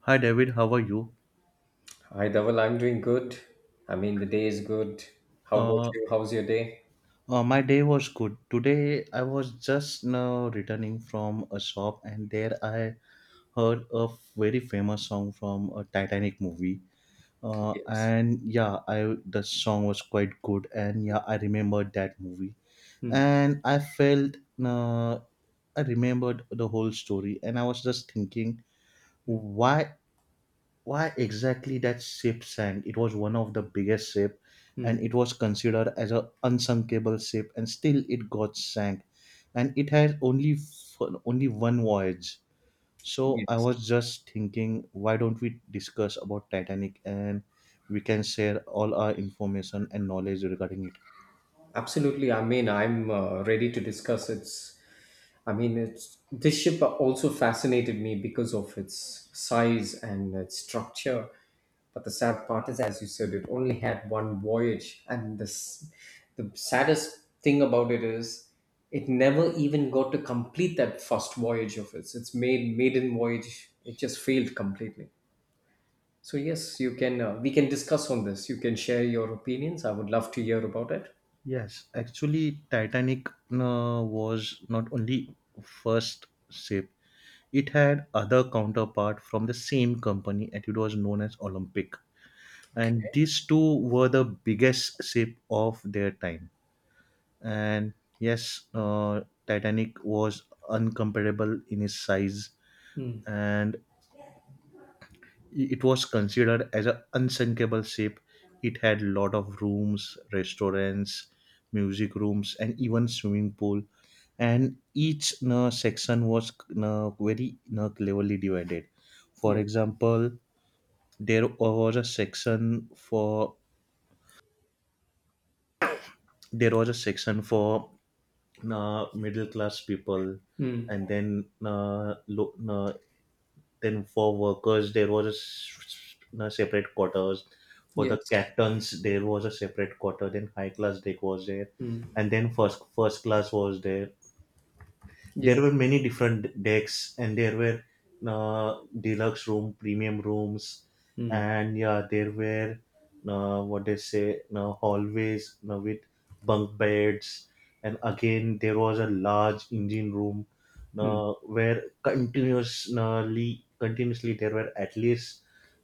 Hi David, how are you? Hi, Dhaval. I'm doing good. I mean, the day is good. How about Uh, you? How's your day? My day was good. Today I was just now returning from a shop and there I heard a very famous song from a Titanic movie. Yes. And yeah, I the song was quite good, and yeah, I remembered that movie Hmm. and I felt uh, I remembered the whole story and I was just thinking Hmm. why why exactly that ship sank. It was one of the biggest ship, Hmm. and it was considered as a unsinkable ship, and still it got sank, and it had only only one voyage. So I Yes. was just thinking, why don't we discuss about Titanic and we can share all our information and knowledge regarding it. Absolutely. I mean, I'm ready to discuss. It's I mean, it's this ship also fascinated me because of its size and its structure. But the sad part is, as you said, it only had one voyage, and this the saddest thing about it is it never even got to complete that first voyage of its made maiden voyage. It just failed completely. So yes, you can we can discuss on this. You can share your opinions. I would love to hear about it. Yes, actually Titanic was not only first ship. It had other counterpart from the same company and it was known as Olympic. And Okay. these two were the biggest ship of their time. And yes, Titanic was incomparable in its size, Mm, and it was considered as an unsinkable ship. It had lot of rooms, restaurants, music rooms, and even swimming pool, and each you section was you very, you know, cleverly divided. For yes. example, there was a section for there was a section for middle class people, Mm, and then for workers there was a a separate quarters. For the yes. captains there was a separate quarter. Then high class deck was there, Mm, and then first class was there. There were yes. many different decks, and there were deluxe room, premium rooms, Mm, and yeah, there were what they say, hallways you with bunk beds, and again there was a large engine room mm. Where continuously there were at least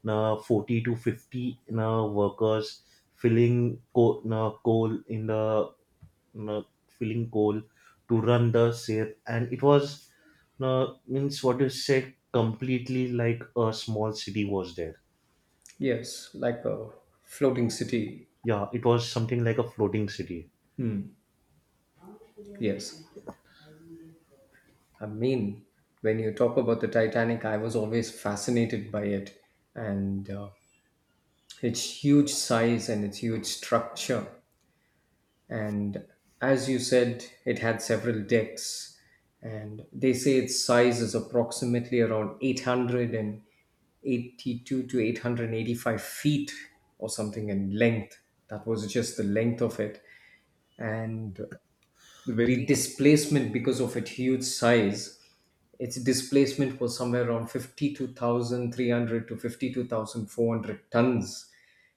40 to 50 workers filling coal in the uh, filling goal to run the ship, and it was, means what you say, completely like a small city was there. Yes, like a floating city. Yeah, it was something like a floating city. Hmm. Yes. I mean, when you talk about the Titanic, I was always fascinated by it and its huge size and its huge structure. And as you said, it had several decks, and they say its size is approximately around 882 to 885 feet or something in length. That was just the length of it. And the very displacement because of its huge size. Its displacement was somewhere around 52,300 to 52,400 tons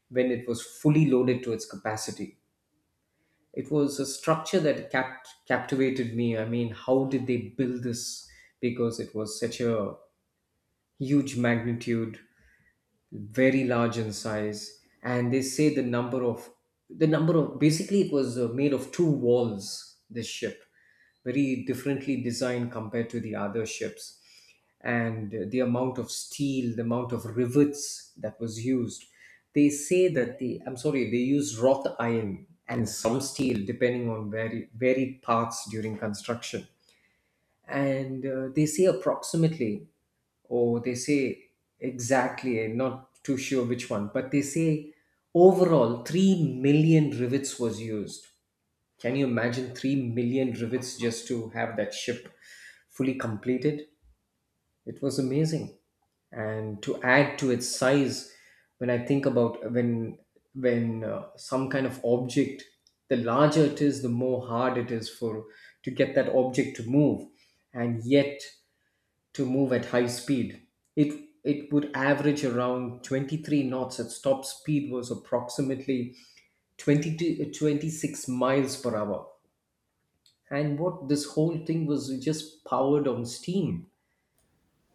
when it was fully loaded to its capacity. It was a structure that captivated me. I mean, how did they build this? Because it was such a huge magnitude, very large in size, and they say the number of basically it was made of two walls, this ship very differently designed compared to the other ships, and the amount of steel, the amount of rivets that was used. They say that the I'm sorry, they use wrought iron and some steel depending on very varied parts during construction. And they say approximately. Oh, they say exactly, I'm not too sure which one, but they say overall 3 million rivets was used. Can you imagine 3 million rivets just to have that ship fully completed? It was amazing. And to add to its size, when I think about when some kind of object, the larger it is, the more hard it is for to get that object to move. And yet to move at high speed. It would average around 23 knots at top speed was approximately 20 to 26 miles per hour. And what, this whole thing was just powered on steam.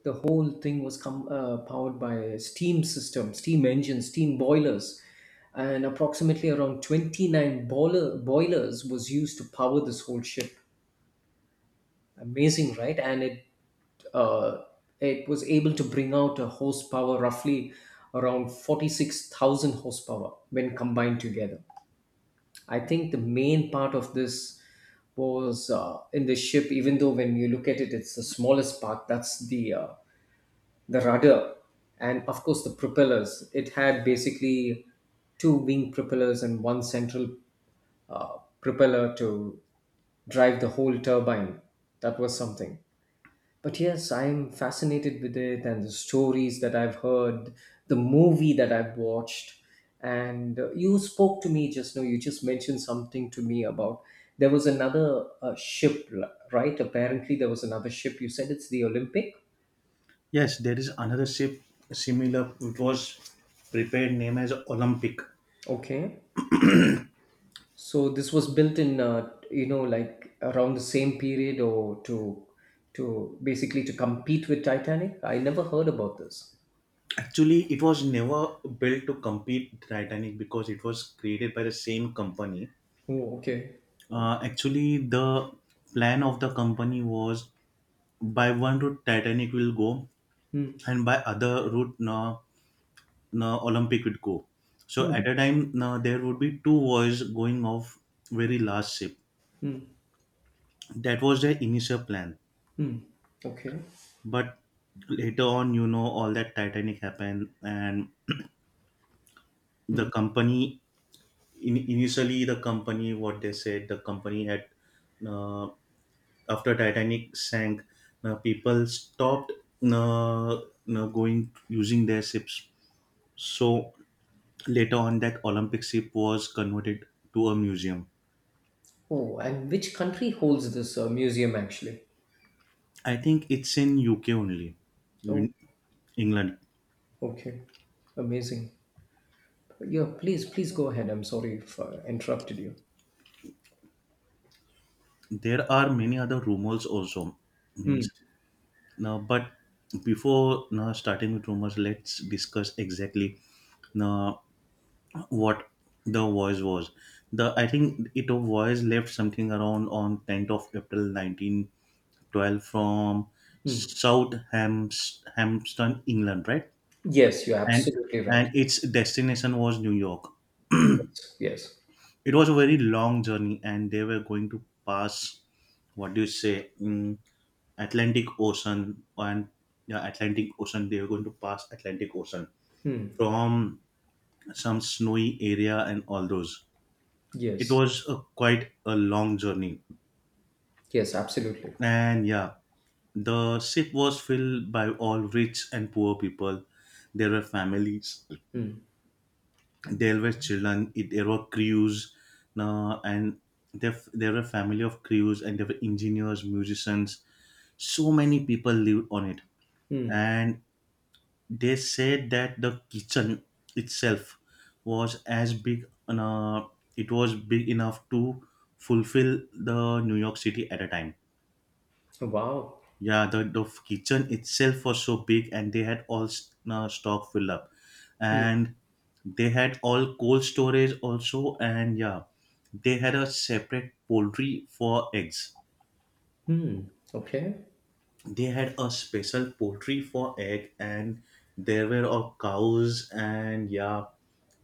The whole thing was powered by a steam system, steam engines, steam boilers, and approximately around 29 boilers was used to power this whole ship. Amazing, right? And uh, it was able to bring out a horsepower roughly around 46,000 horsepower when combined together. I think the main part of this was in the ship. Even though when you look at it, it's the smallest part, that's the rudder and of course the propellers. It had basically two wing propellers and one central propeller to drive the whole turbine. That was something. But yes, I'm fascinated with it, and the stories that I've heard, the movie that I've watched. And you spoke to me just now, you just mentioned something to me about there was another ship, right? Apparently, there was another ship. You said it's the Olympic. Yes, there is another ship similar. It was prepared name as Olympic. Okay. So this was built in, like around the same period, or to basically to compete with Titanic. I never heard about this. Actually, it was never built to compete Titanic because it was created by the same company. Oh, okay. Actually, the plan of the company was by one route Titanic will go, Hmm. and by other route, no Olympic would go. So Hmm. at a time, there would be two wars going off very large ship. Hmm. That was their initial plan. Hmm. Okay. But later on, you know, all that Titanic happened, and the company initially, the company, what they said, the company had, uh, after Titanic sank, people stopped going using their ships. So later on, that Olympic ship was converted to a museum. Oh, and which country holds this museum actually? I think it's in UK only, Oh, in England. okay. Amazing. Yeah, please, please go ahead. I'm sorry if I interrupted you. There are many other rumors also. Hmm. Means now, but before now starting with rumors, let's discuss exactly now what the voice was. The I think it was left something around on 10th of April 1912 from Hmm. South Hampton, England, right? Yes, you're And absolutely right. and its destination was New York. Yes. Yes. It was a very long journey, and they were going to pass, what do you say, Atlantic Ocean, and yeah, Atlantic Ocean. They were going to pass Atlantic Ocean Hmm. from some snowy area and all those. It Yes. was a, quite a long journey, Yes, absolutely. and yeah, the ship was filled by all rich and poor people. There were families, there were there were crews now, and there were family of crews, and there were engineers, musicians. So many people lived on it, Hmm. and they said that the kitchen itself was as big, it was big enough to fulfill the New York city at a time. Wow. Yeah, the kitchen itself was so big, and they had all stock filled up, Hmm. and they had all cold storage also. And yeah, they had a separate poultry for eggs. Okay. They had a special poultry for egg, and there were all cows, and yeah,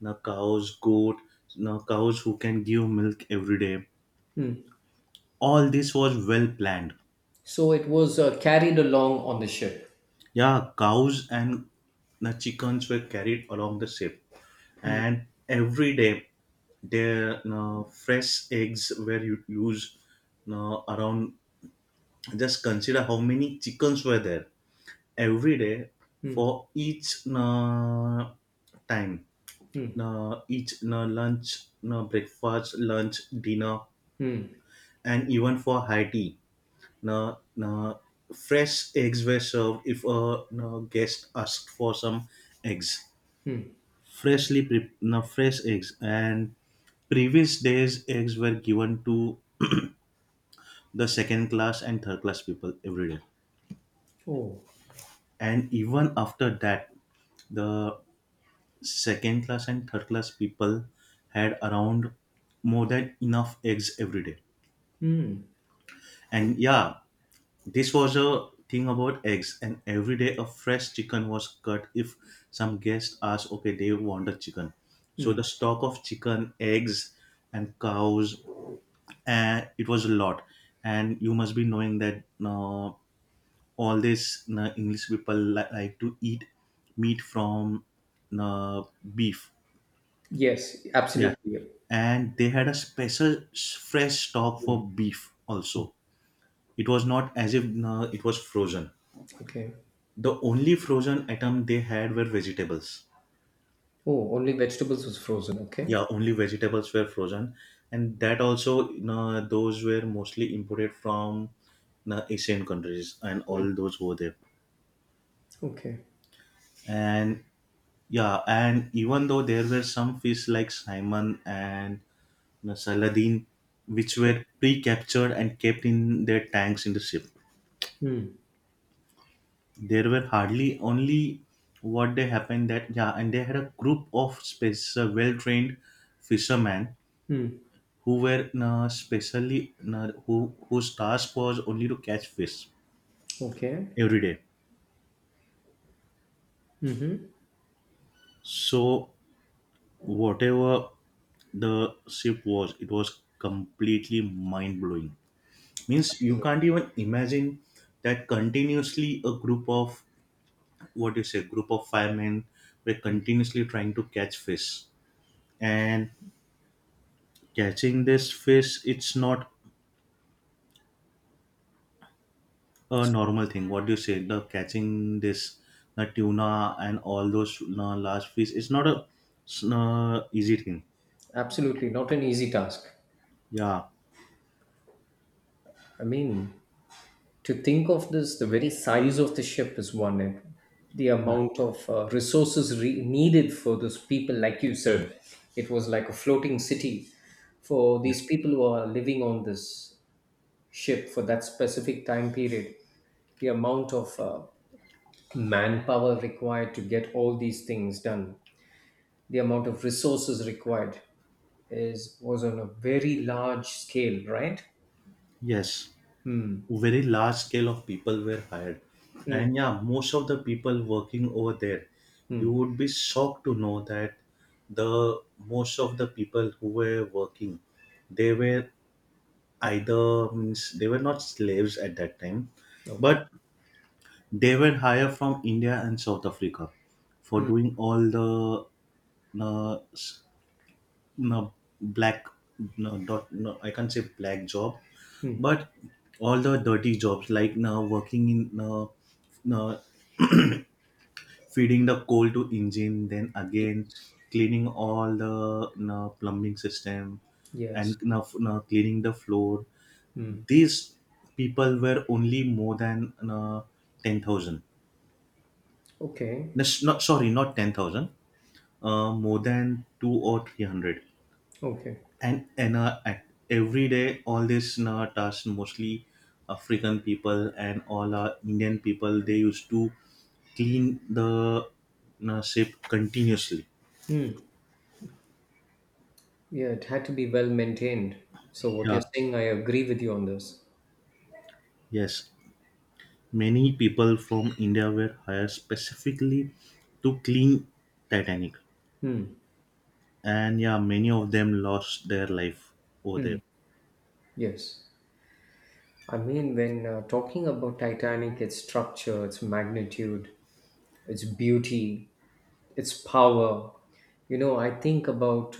now cows, goat, now cows who can give milk every day. All this was well planned. So it was carried along on the ship. Yeah, cows and the chickens were carried along the ship, Hmm. and every day their fresh eggs were used around. Just consider how many chickens were there every day Hmm. for each time, each lunch, breakfast, lunch, dinner, Hmm. and even for high tea, uh, uh, fresh eggs were served if a guest asked for some eggs. Hmm. Freshly pre- no, Fresh eggs, and previous days eggs were given to the second class and third class people every day. Oh, And even after that, the second class and third class people had around more than enough eggs every day. And yeah, this was a thing about eggs. And every day a fresh chicken was cut if some guest asked, okay, they want a chicken. So the stock of chicken, eggs, and cows, and it was a lot. And you must be knowing that all these english people like to eat meat from uh, beef. yes, Yeah, absolutely. and they had a special fresh stock for beef also. It was not as if it was frozen. Okay. The only frozen item they had were vegetables. Oh, only vegetables was frozen. Yeah, Okay. only vegetables were frozen, and that also those were mostly imported from asian countries and all those over there. Okay. And yeah, and even though there were some fish like simon and, you know, saladin, which Okay. were pre-captured and kept in their tanks in the ship. Hmm. There were hardly only what they happened that, yeah, and they had a group of special well-trained fishermen Hmm. who were specially, whose task was only to catch fish Okay. every day. Mm-hmm. So whatever the ship was, it was completely mind-blowing. Means you can't even imagine that continuously a group of, what do you say, group of firemen were continuously trying to catch fish. And catching this fish, it's not a normal thing. What do you say, the catching this, the tuna and all those large fish, it's not a easy thing. Absolutely, not an easy task. Yeah. I mean, to think of this, the very size of the ship is one, and the amount of resources needed for those people, like you said, it was like a floating city for these Yes. people who are living on this ship for that specific time period. The amount of manpower required to get all these things done, the amount of resources required is was on a very large scale, right? Yes, very large scale of people were hired. Mm, And yeah, most of the people working over there, you mm, would be shocked to know that the most of the people who were working, they were either, means they were not slaves at that time, okay. but they were hired from india and south africa for doing all the no, s- no black no, dot, no I can't say black job, Mm, but all the dirty jobs like now working in uh, feeding the coal to engine, then again cleaning all the plumbing system, and yes. now now cleaning the floor. Mm, These people were only more than 10,000. okay. Not sorry, not 10,000, more than 2 or 300. Okay. And at every day all this tasks, mostly african people and all indian people they used to clean the ship continuously. Mm, yeah, it had to be well maintained. So what you're Yeah. saying, I agree with you on this. Yes, many people from india were hired specifically to clean Titanic. Mm, And yeah, many of them lost their life over there. yes. I mean, when talking about Titanic, its structure, its magnitude, its beauty, its power, you know, I think about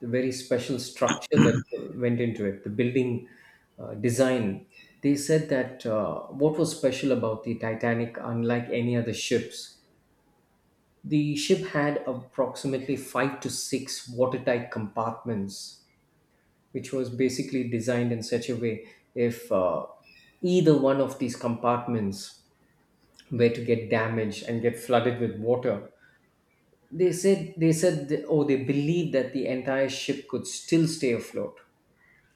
the very special structure that went into it, the building design. They said that what was special about the Titanic, unlike any other ships, the ship had approximately five to six watertight compartments, which was basically designed in such a way, if either one of these compartments were to get damaged and get flooded with water, oh, they believed that the entire ship could still stay afloat.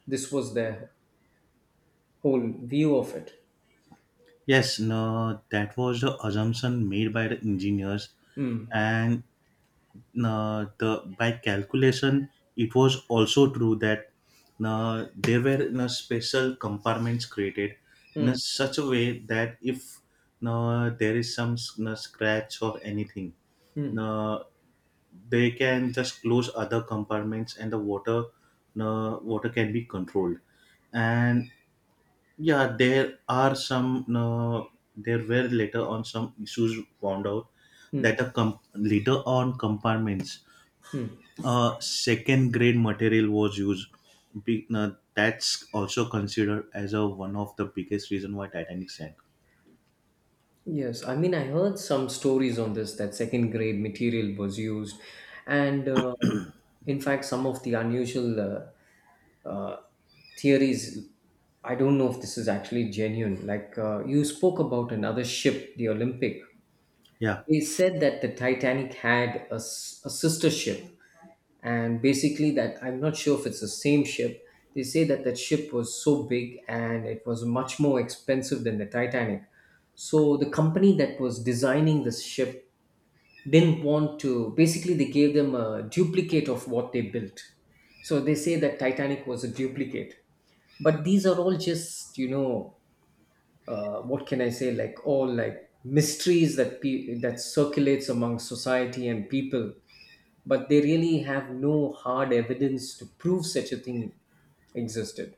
This was their whole view of it. Yes, no, that was the assumption made by the engineers, and the by calculation, it was also true that there were special compartments created in a Mm, such a way that if there is some scratch or anything, mm, uh, they can just close other compartments and the water, water can be controlled. And yeah, there are some, there were later on some issues found out that mm. the later on compartments, second grade material was used. That's also considered as a one of the biggest reason why Titanic sank. Yes, I mean, I heard some stories on this that second grade material was used, and in fact, some of the unusual uh, uh, theories. I don't know if this is actually genuine. Like you spoke about another ship, the Olympic. Yeah. They said that the Titanic had a sister ship, and basically that I'm not sure if it's the same ship. They say that that ship was so big and it was much more expensive than the Titanic, so the company that was designing this ship didn't want to, basically they gave them a duplicate of what they built. So they say that Titanic was a duplicate, but these are all just what can I say, like all like mysteries that circulates among society and people, but they really have no hard evidence to prove such a thing existed.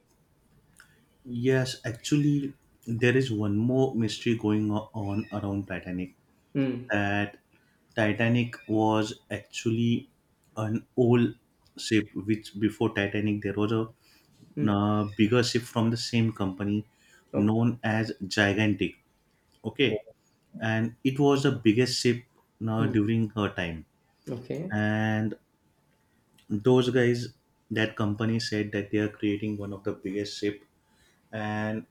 Yes, actually there is one more mystery going on around Titanic, Hmm. that Titanic was actually an old ship, which before Titanic there was a Hmm. Bigger ship from the same company Okay. known as gigantic. Okay. Oh. And it was the biggest ship Hmm. during her time. Okay. And those guys, that company said that they are creating one of the biggest ship, and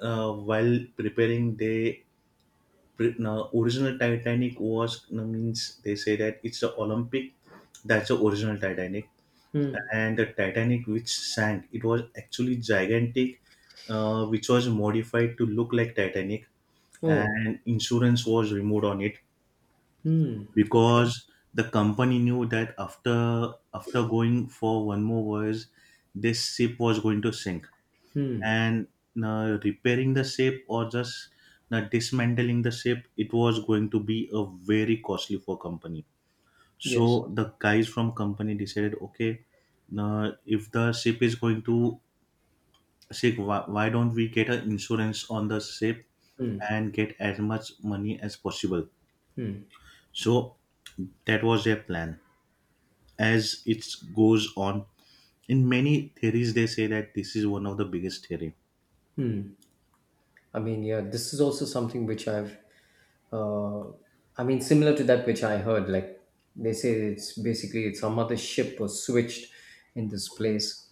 while preparing they original Titanic was, no, means they say that it's the Olympic, that's the original Titanic, Hmm. and the Titanic which sank, it was actually gigantic, which was modified to look like Titanic, Oh. and insurance was removed on it, Hmm. Okay. because the company knew that after going for one more voyage, this ship was going to sink. Hmm. And repairing the ship or just dismantling the ship, it was going to be a very costly for company. Yes. So the guys from company decided, okay, if the ship is going to sink, why don't we get an insurance on the ship Hmm. and get as much money as possible. So that was their plan, as it goes on. In many theories, they say that this is one of the biggest theory. I mean, yeah, this is also something which uh, I mean, similar to that which I heard. Like they say, it's basically it's some other ship was switched in this place.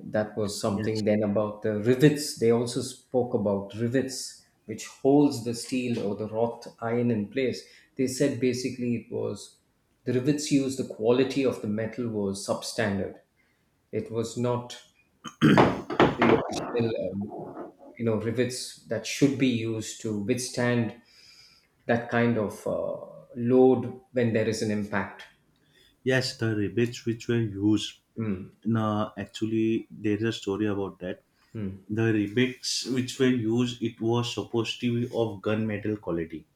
That was Yes, something. Then about the rivets, they also spoke about rivets which holds the steel or the wrought iron in place. They said basically it was the rivets used, the quality of the metal was substandard. It was not the original rivets that should be used to withstand that kind of load when there is an impact. yes, the rebates which were used. No, actually, there is a story about that. The rebates which were used, it was supposed to be of gunmetal quality.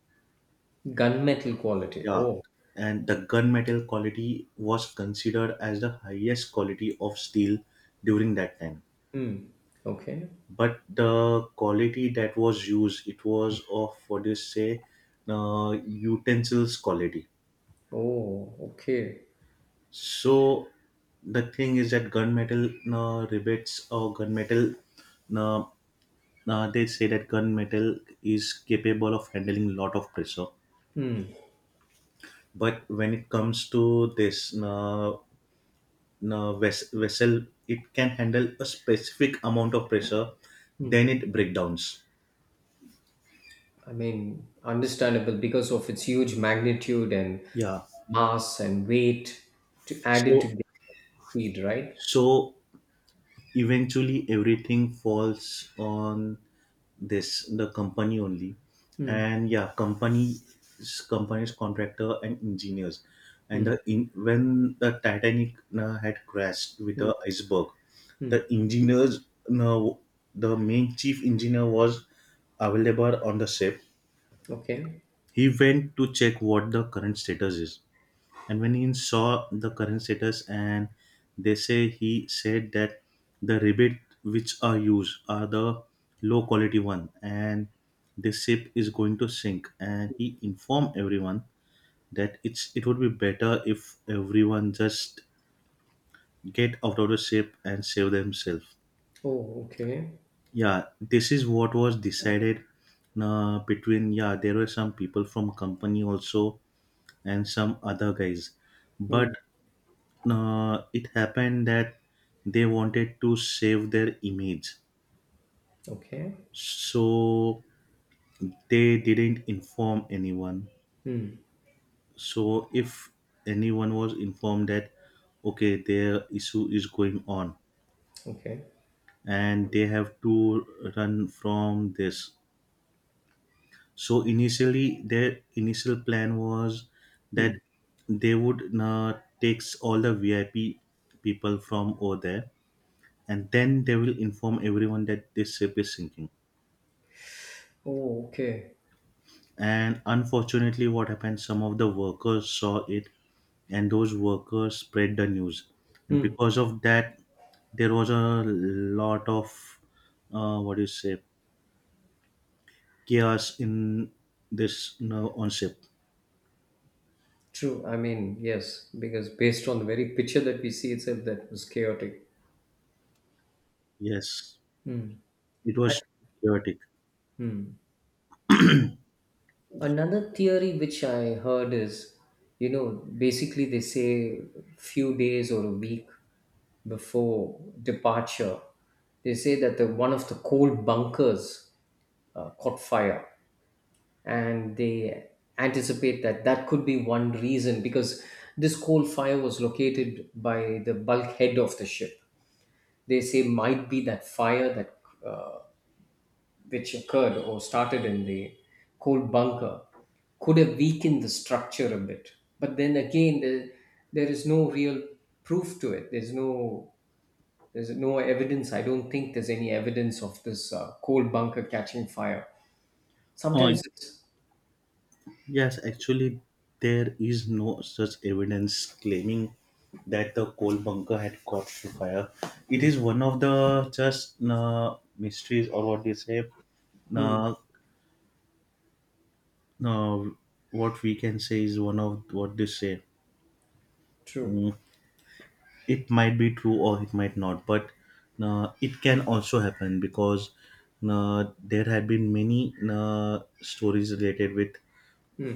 Gunmetal quality. Yeah, Oh. and the gunmetal quality was considered as the highest quality of steel during that time. Hmm. Okay. But the quality that was used, it was of what do you say, utensils quality. Oh, okay. So the thing is that gunmetal rebates or gunmetal, uh, they say that gunmetal is capable of handling a lot of pressure. Hmm. But when it comes to this vessel, it can handle a specific amount of pressure, Hmm. then it breakdowns. I mean, understandable because of its huge magnitude and Yeah. mass and weight to add it to So the speed, right? so eventually everything falls on this the company only. Hmm. And yeah, companies, contractor and engineers. And Hmm. When the Titanic had crashed with Hmm. the iceberg, Hmm. the engineers, uh, the main chief engineer was available on the ship. Okay. He went to check what the current status is, and when he saw the current status, and they say he said that the rebate which are used are the low quality one, and the ship is going to sink. And he informed everyone that it would be better if everyone just get out of the ship and save themselves. Oh, okay. Yeah, this is what was decided, between, yeah, there were some people from company also and some other guys, but Hmm. It happened that they wanted to save their image, Okay. so they didn't inform anyone. Hmm. So if anyone was informed that, okay, their issue is going on Okay. and they have to run from this. So initially their initial plan was that Hmm. they would take all the VIP people from over there, and then they will inform everyone that this ship is sinking. Oh, okay. And unfortunately what happened, some of the workers saw it and those workers spread the news, and Hmm. because of that there was a lot of, what do you say, chaos in this, you know, on ship. True. I mean, yes, because based on the very picture that we see itself, that was chaotic. Yes, it was chaotic. Another theory which I heard is, you know, basically they say few days or a week before departure, they say that one of the coal bunkers caught fire, and they anticipate that that could be one reason because this coal fire was located by the bulkhead of the ship. They say might be that fire that uh, which occurred or started in the cold bunker could have weakened the structure a bit. But then again, there is no real proof to it. There's no evidence. I don't think there's any evidence of this coal bunker catching fire. Oh Sometimes it's yes, actually there is no such evidence claiming that the coal bunker had caught fire. It Hmm. is one of the just mysteries, or what do you say, Hmm. uh, uh, what we can say is one of what they say. True. Mm, it might be true or it might not, but it can also happen because there had been many stories related with Hmm.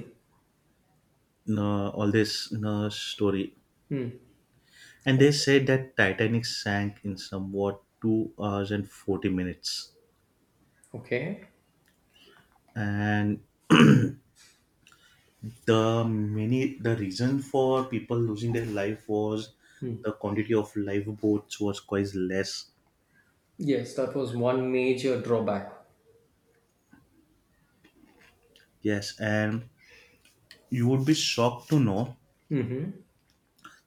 all this story, Hmm. and they Okay. said that Titanic sank in somewhat 2 hours and 40 minutes, Okay. and the reason for people losing their life was Hmm. the quantity of lifeboats was quite less. Yes, that was one major drawback. Yes, and you would be shocked to know Mm-hmm.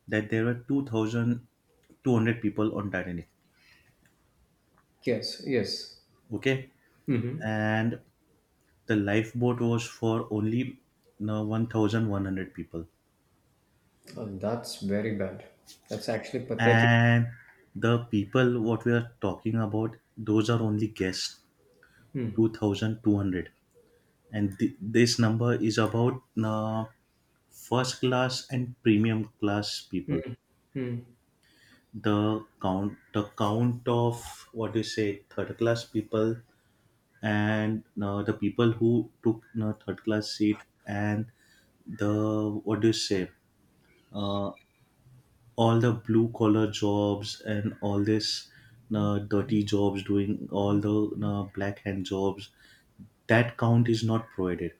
that there were 2,200 people on Titanic. Yes, yes. Okay, Mm-hmm. and the lifeboat was for only, no, 1,100 people. Oh, that's very bad. That's actually pathetic. And the people what we are talking about, those are only guests, Hmm. 2,200. And this number is about first class and premium class people. Hmm. The count of, what do you say, third class people, and the people who took third class seat, and the, what do you say, uh, all the blue collar jobs and all this dirty jobs, doing all the black hand jobs, that count is not provided.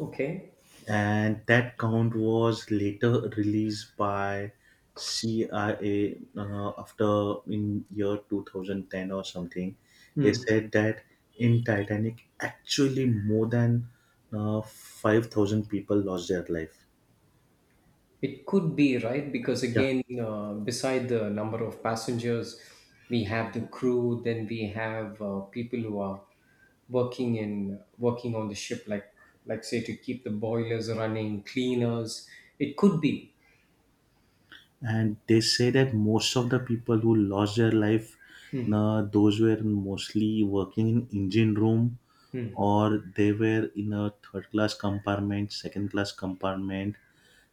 Okay. And that count was later released by CIA after in year 2010 or something. They Hmm. said that in Titanic, actually more than 5,000 people lost their life. It could be, right? Because Yeah, again, beside the number of passengers, we have the crew, then we have people who are working on the ship, like say to keep the boilers running, cleaners. It could be. and they say that most of the people who lost their life, Hmm. Those were mostly working in engine room, Hmm. or they were in a third class compartment, second class compartment,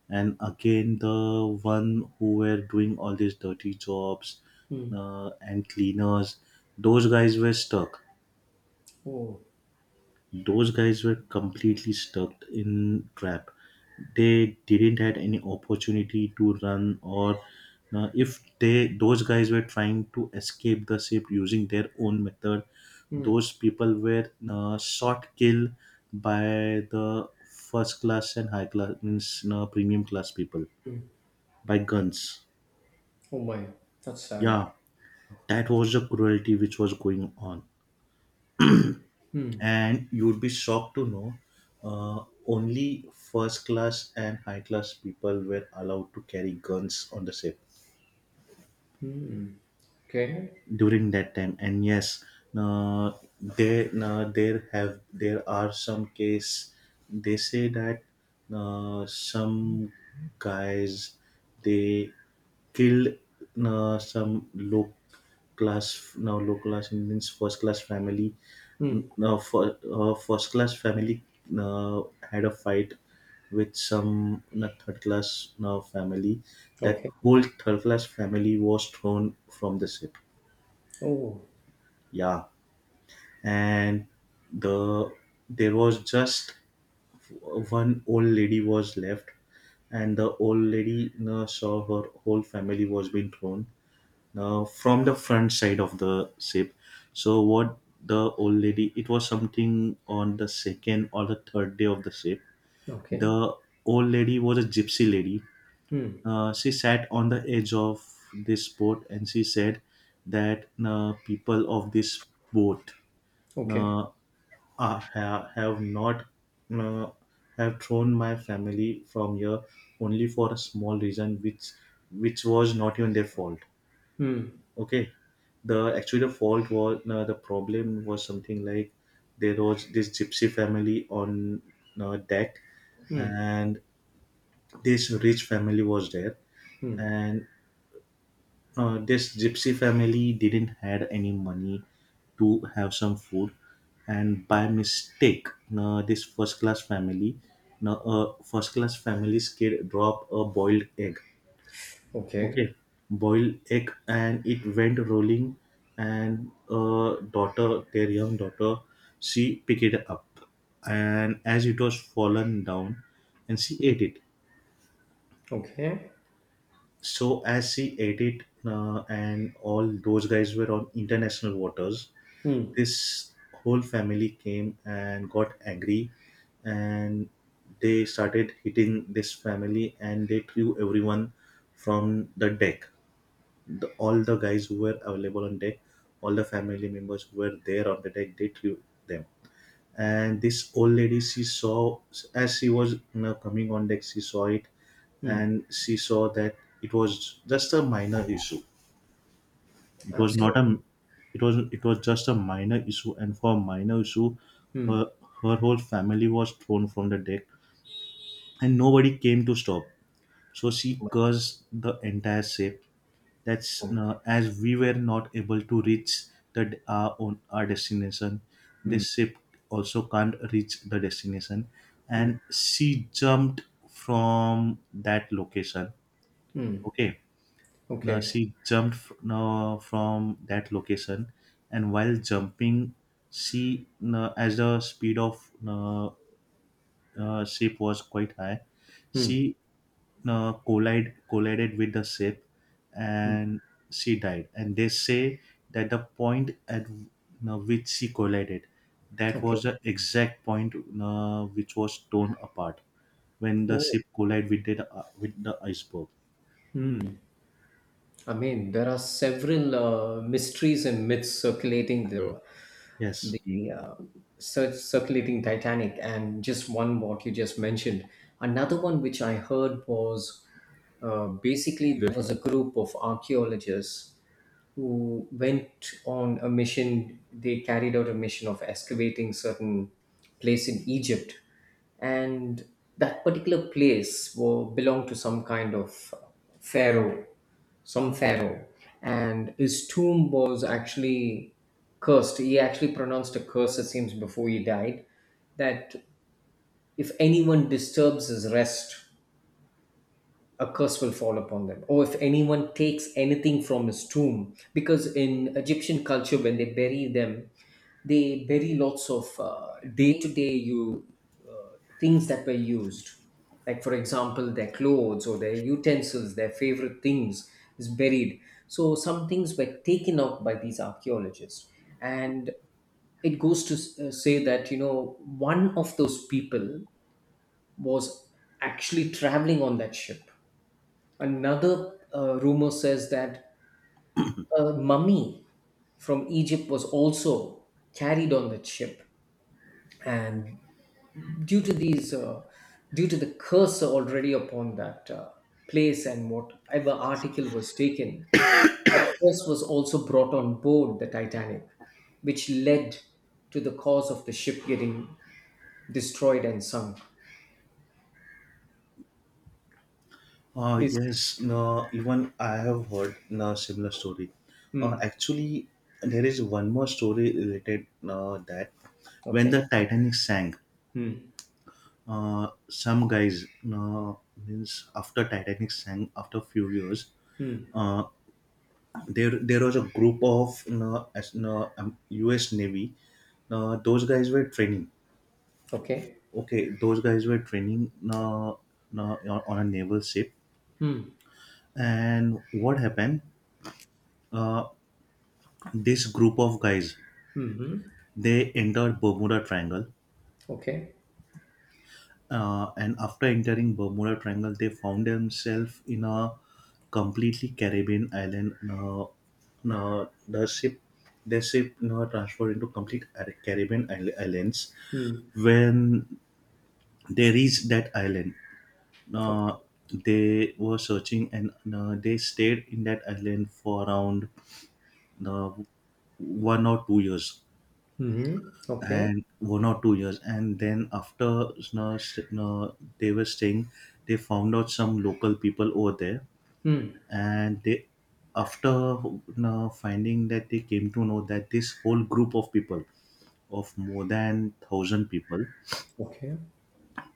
and again the one who were doing all these dirty jobs, Hmm. And cleaners, those guys were stuck. Oh. Those guys were completely stuck in trap. They didn't had any opportunity to run, or if they, those guys were trying to escape the ship using their own method, Hmm. those people were shot, killed by the first class and high class, means premium class people, Hmm. by guns. Oh my, that's sad. Yeah, that was the cruelty which was going on. Hmm. And you would be shocked to know only first class and high class people were allowed to carry guns on the ship Hmm. Okay. during that time. And yes, uh, there, there have there are some case, they say that some guys, they killed some low class Indians, first class family, Hmm. now for first class family, uh, had a fight with some third class, now family, that Okay. whole third class family was thrown from the ship. Oh. Yeah, and the, there was just one old lady was left, and the old lady saw her whole family was being thrown from the front side of the ship. So what, the old lady? It was something on the second or the third day of the ship. Okay. The old lady was a gypsy lady. Hmm. She sat on the edge of this boat and she said that, people of this boat, Okay. uh, have not, uh, have thrown my family from here, only for a small reason which was not even their fault. Hmm. Okay, the, actually the fault was, the problem was something like, there was this gypsy family on, deck, Hmm. and this rich family was there, Hmm. and, uh, this gypsy family didn't had any money to have some food, and by mistake, this first class family, now a first class family's kid dropped a boiled egg. Okay, Okay. boiled egg, and it went rolling, and, daughter, their young daughter, she picked it up, and as it was fallen down, and she ate it. Okay. So as she ate it, and all those guys were on international waters, Mm. this whole family came and got angry, and they started hitting this family, and they threw everyone from the deck. The, all the guys who were available on deck, all the family members who were there on the deck, they threw them. And this old lady, she saw, as she was, you know, coming on deck, she saw it. Mm. And she saw that it was just a minor issue, it was not Absolutely. a, it was, it was just a minor issue, and for a minor issue, her, Mm. her whole family was thrown from the deck and nobody came to stop. So she cursed the entire ship, that's, Oh. As we were not able to reach the our own our destination, Mm. this ship also can't reach the destination. Mm. And she jumped from that location. Mm. Okay, now Okay. she jumped now from that location, and while jumping, she, now as the speed of, ship was quite high. Mm. She, collided with the ship, Mm. and she died. And they say that the point at you which she collided, that was the Okay. exact point, which was torn apart when the Oh, ship collided with the iceberg. I mean, there are several mysteries and myths circulating there. Yes. The circulating Titanic, and just one what you just mentioned. Another one which I heard was basically there was a group of archaeologists who went on a mission. They carried out a mission of excavating certain place in Egypt, and that particular place belonged to some kind of pharaoh, some pharaoh, and his tomb was actually cursed. He actually pronounced a curse, it seems, before he died, that if anyone disturbs his rest, a curse will fall upon them, or if anyone takes anything from his tomb, because in Egyptian culture, when they bury them, they bury lots of day to day you things that were used, like for example their clothes or their utensils, their favorite things is buried. So some things were taken up by these archaeologists, and it goes to say that one of those people was actually traveling on that ship. Another rumor says that a mummy from Egypt was also carried on that ship, and due to these uh, due to the curse already upon that place and whatever article was taken, that curse was also brought on board the Titanic, which led to the cause of the ship getting destroyed and sunk. This Yes, no, even I have heard a similar story. Hmm. Actually, there is one more story related, that when Okay. the Titanic sank, Hmm. Some guys, uh, means after Titanic sank after few years, Hmm. uh, there was a group of, U.S. Navy. Those guys were training. Okay. Okay, those guys were training, on a naval ship, Hmm. and what happened? Uh, this group of guys, Hmm. they entered Bermuda Triangle, Okay. And after entering Bermuda Triangle they found themselves in a completely Caribbean island, the ship, the ship now transferred into complete Caribbean islands. Hmm. When they reached that island, uh, Okay. they were searching, and they stayed in that island for around uh, 1 or 2 years, Hmm. Okay. and then after, you know, they were staying, they found out some local people over there. hmm, And they, after, you know, finding that, they came to know that this whole group of people of more than 1000 people, okay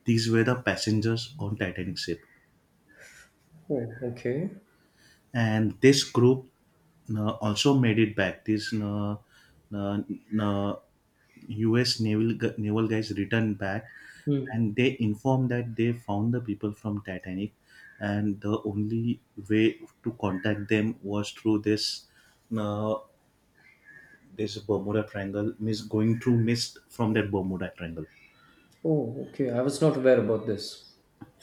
these were the passengers on Titanic ship. oh, okay. And this group, you also made it back, this, you know, you U.S. Naval guys returned back, Hmm. and they informed that they found the people from Titanic, and the only way to contact them was through this, uh, this Bermuda Triangle, miss going through mist from that Bermuda Triangle. Oh, okay. I was not aware about this.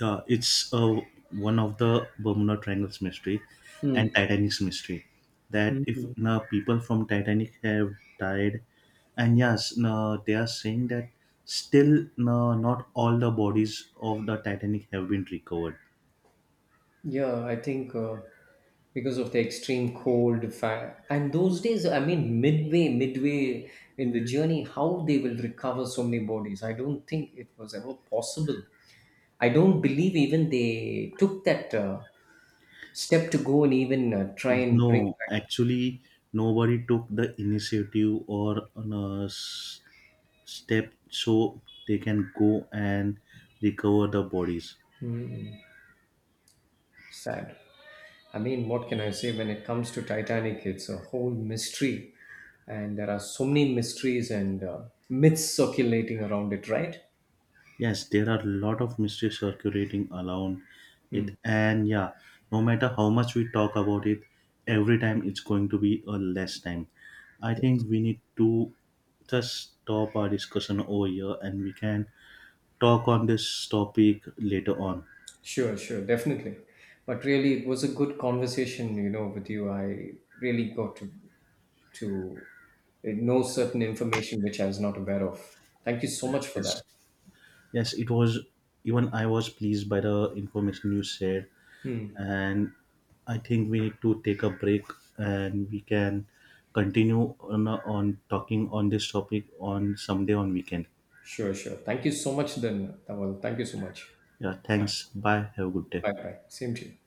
Yeah, it's, one of the Bermuda Triangle's mystery Hmm. and Titanic's mystery. That if Mhm. now people from Titanic have died, and yes, now they are saying that still now not all the bodies of the Titanic have been recovered. Yeah, I think because of the extreme cold and those days, I mean, midway in the journey, how they will recover so many bodies. I don't think it was ever possible. I don't believe even they took that step to go and even try and bring No, back. actually, nobody took the initiative, or step, so they can go and recover the bodies. Sad. I mean, what can I say when it comes to Titanic? It's a whole mystery, and there are so many mysteries and myths circulating around it, right? Yes, there are a lot of mysteries circulating around it, and yeah, no matter how much we talk about it, every time it's going to be a less time. I think we need to just stop our discussion over here, and we can talk on this topic later on. Sure, sure, definitely. But really, it was a good conversation, with you. I really got to to know certain information which I was not aware of. Thank you so much for Yes, that. yes, it was, even I was pleased by the information you shared, Hmm. and I think we need to take a break, and we can continue on talking on this topic on someday on weekend. Sure, sure. Thank you so much, then, Tawal. Thank you so much. Yeah, thanks. Bye. Have a good day. Bye bye. Same to you.